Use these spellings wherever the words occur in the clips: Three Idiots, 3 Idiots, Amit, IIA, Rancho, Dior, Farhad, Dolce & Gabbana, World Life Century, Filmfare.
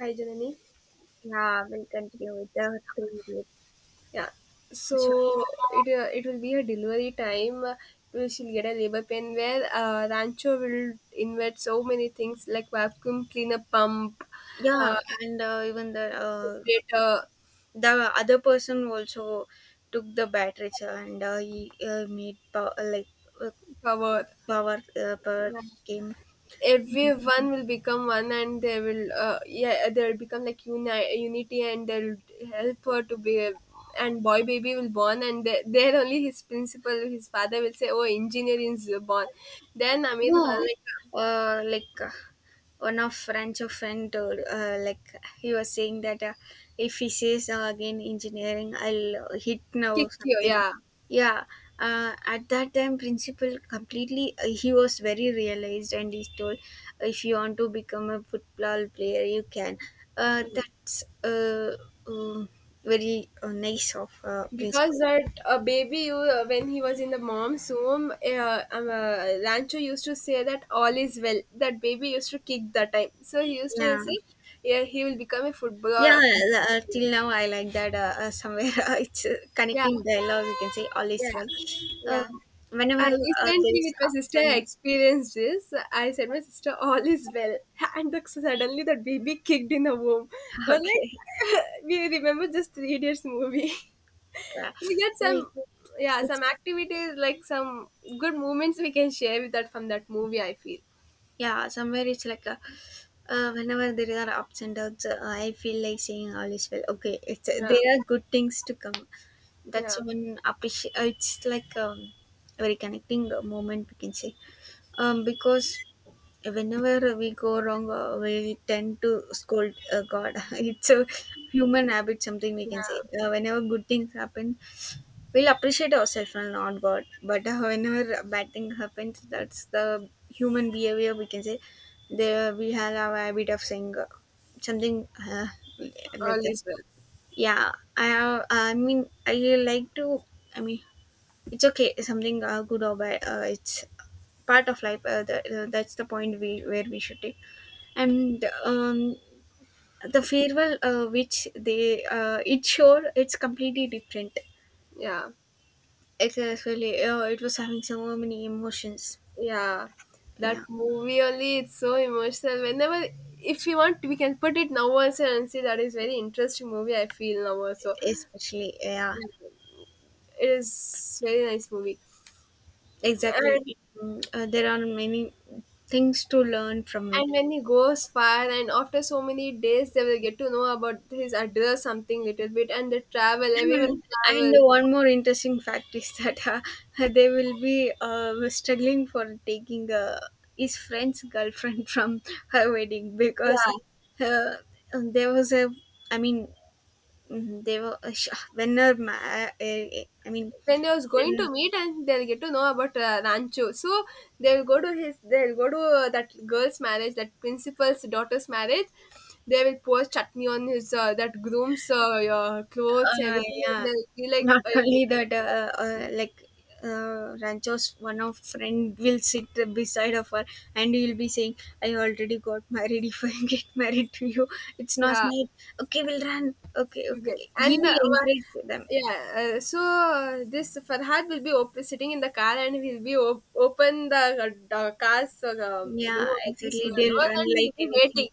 Hi, Janani. Yeah, we'll continue with the three idiots. Yeah. Sure. So it will be a delivery time. We shall get a labor pain where Rancho will invent so many things like vacuum cleaner pump, Yeah, uh, and even generator the other person also took the batteries and he made power like uh, cover. Power Yeah. came. Everyone will become one, and they will yeah, they will become like unity, and they'll help her to be. And boy baby will born, and there only his principal, his father will say, "Oh, engineer is born." Then Amit No, like uh, like uh, one of French of friend told, like he was saying that if he says again engineering, I'll hit now kick you, something. yeah. Yeah, at that time, principal completely he was very realized and he told, if you want to become a football player, you can. Mm. That's uh, Very nice of Because principal. that baby, when he was in the mom's womb, Rancho used to say that all is well. That baby used to kick that time. So he used to Yeah. say, yeah, he will become a footballer. Yeah, till now I like that. Somewhere it's Yeah, connecting dialogue. You can say all yeah, is well. Uh, yeah. Whenever I there recently is with my ups sister I and experienced this. I said my sister all is well, and suddenly that baby kicked in the womb. But okay, like we remember just 3 days movie. yeah, We get Like, some, yeah, it's some activities like some good moments we can share with that from that movie I feel. yeah. Somewhere it's like a, whenever there are ups and downs, I feel like saying all is well. Okay, it's Yeah, there are good things to come. yeah, That's one appreciate. It's like very connecting moment. We can say because whenever we go wrong, we tend to scold God. It's a human habit, something we can say. yeah. Whenever good things happen, we'll appreciate ourselves and not God. But whenever bad thing happens, that's the human behavior we can say. There we have our habit of saying something like All that. is well. Yeah, I have. I mean, I like to. I mean, it's okay. Something good or bad. It's part of life. That's the point we where we should take and the farewell which they it showed it's completely different. Yeah, It's actually it was having so many emotions. yeah. That Yeah, movie only it's so emotional whenever. If you want we can put it now also and say that is very interesting movie I feel now also. especially, yeah, Yeah, it is very nice movie. exactly. and Mm, there are many things to learn from it. and when he goes far and after so many days they will get to know about his address something little bit and they travel and everyone and travel. one more interesting fact is that they will be struggling for taking his friend's girlfriend from her wedding because Yeah. uh, there was a, I mean, mhm. They were when her I mean When they was going to when meet and they'll get to know about Rancho. So they'll go to that girl's marriage, that principal's daughter's marriage. They will pour chutney on his that groom's clothes, everything, and yeah, they'll be like, not only that, Rancho's one of friend will sit beside of her and he will be saying I already got married, if I get married to you it's not yeah. nice. Okay, we'll run, okay, okay, Yes, he and will encourage them. yeah, this Farhad will be sitting in the car and he'll be open the car's Yeah, door, this exactly, they'll door run and he'll like be anything. waiting.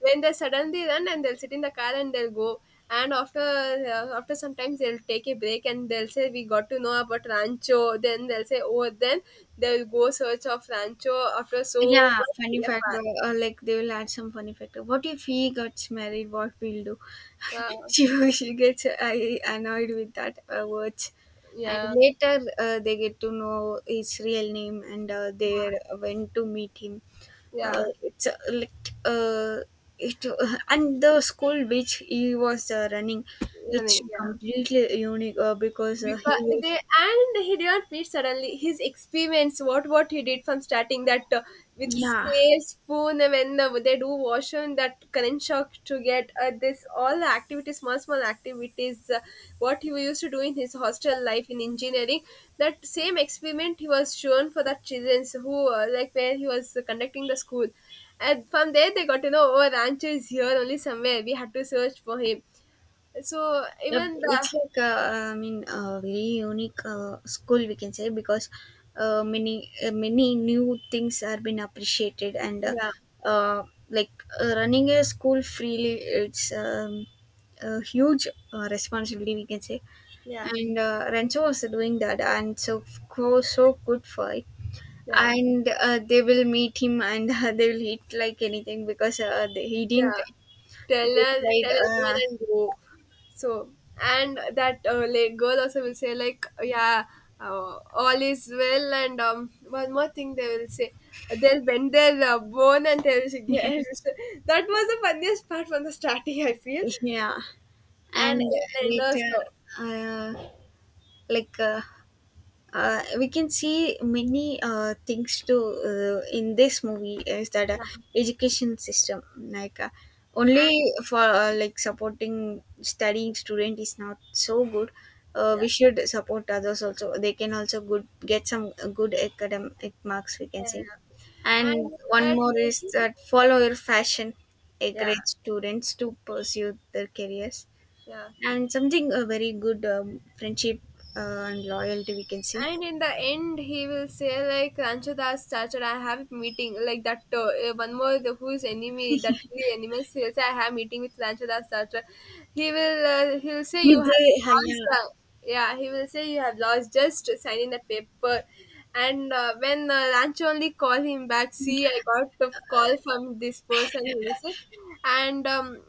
When they suddenly run and they'll sit in the car and they'll go. And after sometimes they'll take a break and they'll say we got to know about Rancho. Then they'll say oh then they'll go search of Rancho after so Yeah, much funny fact, bro, effort. or like they will add some funny fact. What if he gets married? What we'll do? Uh, She gets I annoyed with that words, and yeah, later they get to know his real name and they went to meet him. Uh, yeah, it's uh, like uh, it and the school which he was running, yeah, it's yeah. completely unique because Because he they was, and he didn't feed suddenly his experience what he did from starting that with yeah. scale spoon and when they do washroom that current shock to get this all the activities small small activities what he used to do in his hostel life in engineering. That same experiment he was shown for the children who like where he was conducting the school. And from there they got to know oh Rancho is here only somewhere we had to search for him so Yep, even it's the. like, I mean, a very unique school we can say because many new things are been appreciated, and Yeah, uh, like running a school freely it's a huge responsibility we can say. yeah, And Renzo was doing that, and so good for it. yeah. And they will meet him and they will hit like anything because he didn't. Yeah, tell They her, tried tell everyone and go. So, and that like girl also will say like, yeah, all is well. And one more thing they will say, they'll bend their bone and they will get. That was the funniest part from the starting, I feel, yeah. and And it'll end later also. uh, like uh, we can see many things to in this movie is that Yeah, education system like and only for like supporting studying student is not so good. Yeah, We should support others also, they can also good get some good academic marks we yeah, can say. yeah. And And in one that more is movie, that follow your fashion, yeah, encourage students to pursue their careers, yeah. and something a very good friendship and loyalty we can see. And in the end he will say like Ranchadas started I have meeting like that one more the who is enemy that three enemies he I have meeting with Ranchadas started. He'll say If you have they lost the. yeah, Yeah, he will say you have lost just signing the paper. And when Rancho only called him back, see, I got a call from this person, he will say, and um,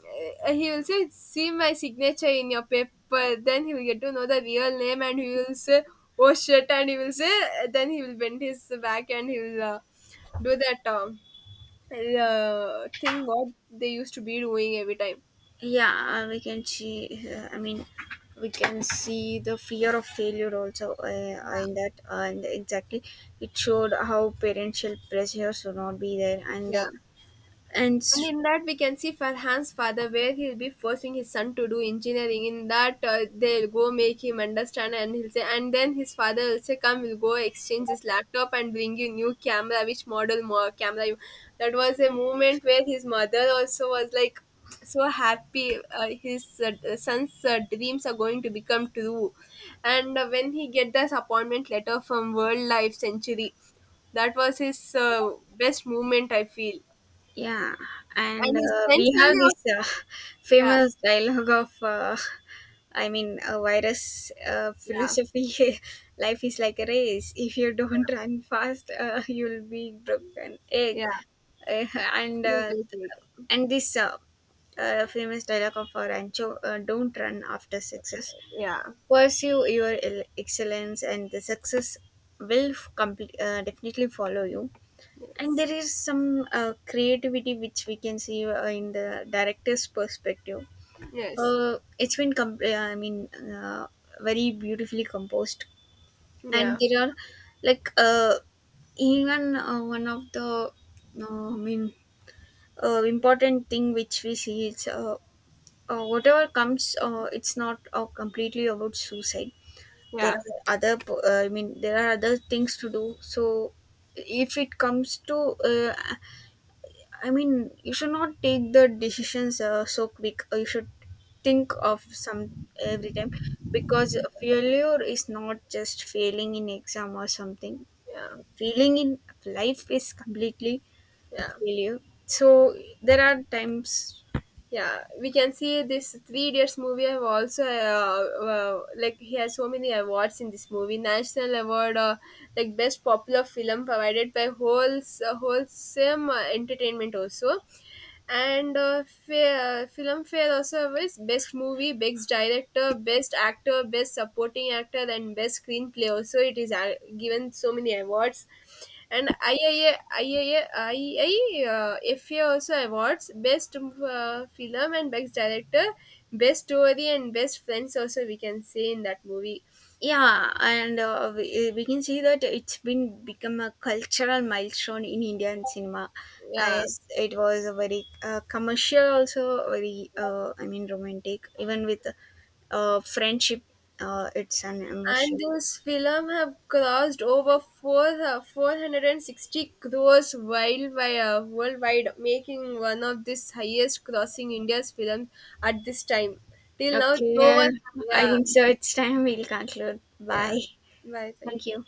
uh, he will say, see my signature in your paper. Then he will get to know the real name and he will say, oh shit, and he will say, then he will bend his back and he will do that thing what they used to be doing every time. yeah, we can see, I mean we can see the fear of failure also in Yeah. that, and exactly it showed how parental pressures should not be there. Yeah. and And s- in that, we can see Farhan's father, where he'll be forcing his son to do engineering. In that, they'll go make him understand, and he'll say, and then his father will say, "Come, we'll go exchange this laptop and bring you new camera. Which model more camera you?" That was a moment where his mother also was like so happy. His son's dreams are going to become true, and when he get this appointment letter from World Life Century, that was his uh, best moment. I feel. Yeah, and And his friends we will have know. this Yeah, famous dialogue of, I mean, a virus yeah, philosophy. Life is like a race. If you don't run fast, you'll be broken egg. yeah. Uh, and You uh, will take. and this famous dialogue of Rancho: Don't run after success. Yeah. Pursue your excellence, and the success will complete, definitely follow you. And Yes. there is some creativity which we can see in the director's perspective. Yes. It's been comp- I mean uh, Very beautifully composed. And Yeah. there are, like, even one of the, uh, i mean important thing which we see is whatever comes, it's not completely about suicide. There Yeah. are other po- I mean there are other things to do. So if it comes to uh, I mean, you should not take the decisions so quick. You should think of some every time, because failure is not just failing in exam or something. Yeah. Failing in life is completely Yeah. failure. So there are times, Yeah. We can see this Three Idiots movie have also like he has so many awards in this movie. National award, like best popular film provided by wholesome entertainment also. And Filmfare also is Best Movie, Best Director, Best Actor, Best Supporting Actor, and Best Screenplay. Also, it is given so many awards. And IIA, FA also awards Best Film and Best Director, Best Story, and Best Friends. Also, we can say in that movie. yeah, and we can see that it's been become a cultural milestone in Indian cinema, Yeah. as it was a very commercial, also very, I mean, romantic, even with friendship, it's an And emotion. this film have crossed over 460 crores worldwide, making one of this highest crossing India's films at this time. Till now, no Okay, one. I Yeah, think so it's time we'll conclude. yeah. Bye. Bye. Thank Thank you. you.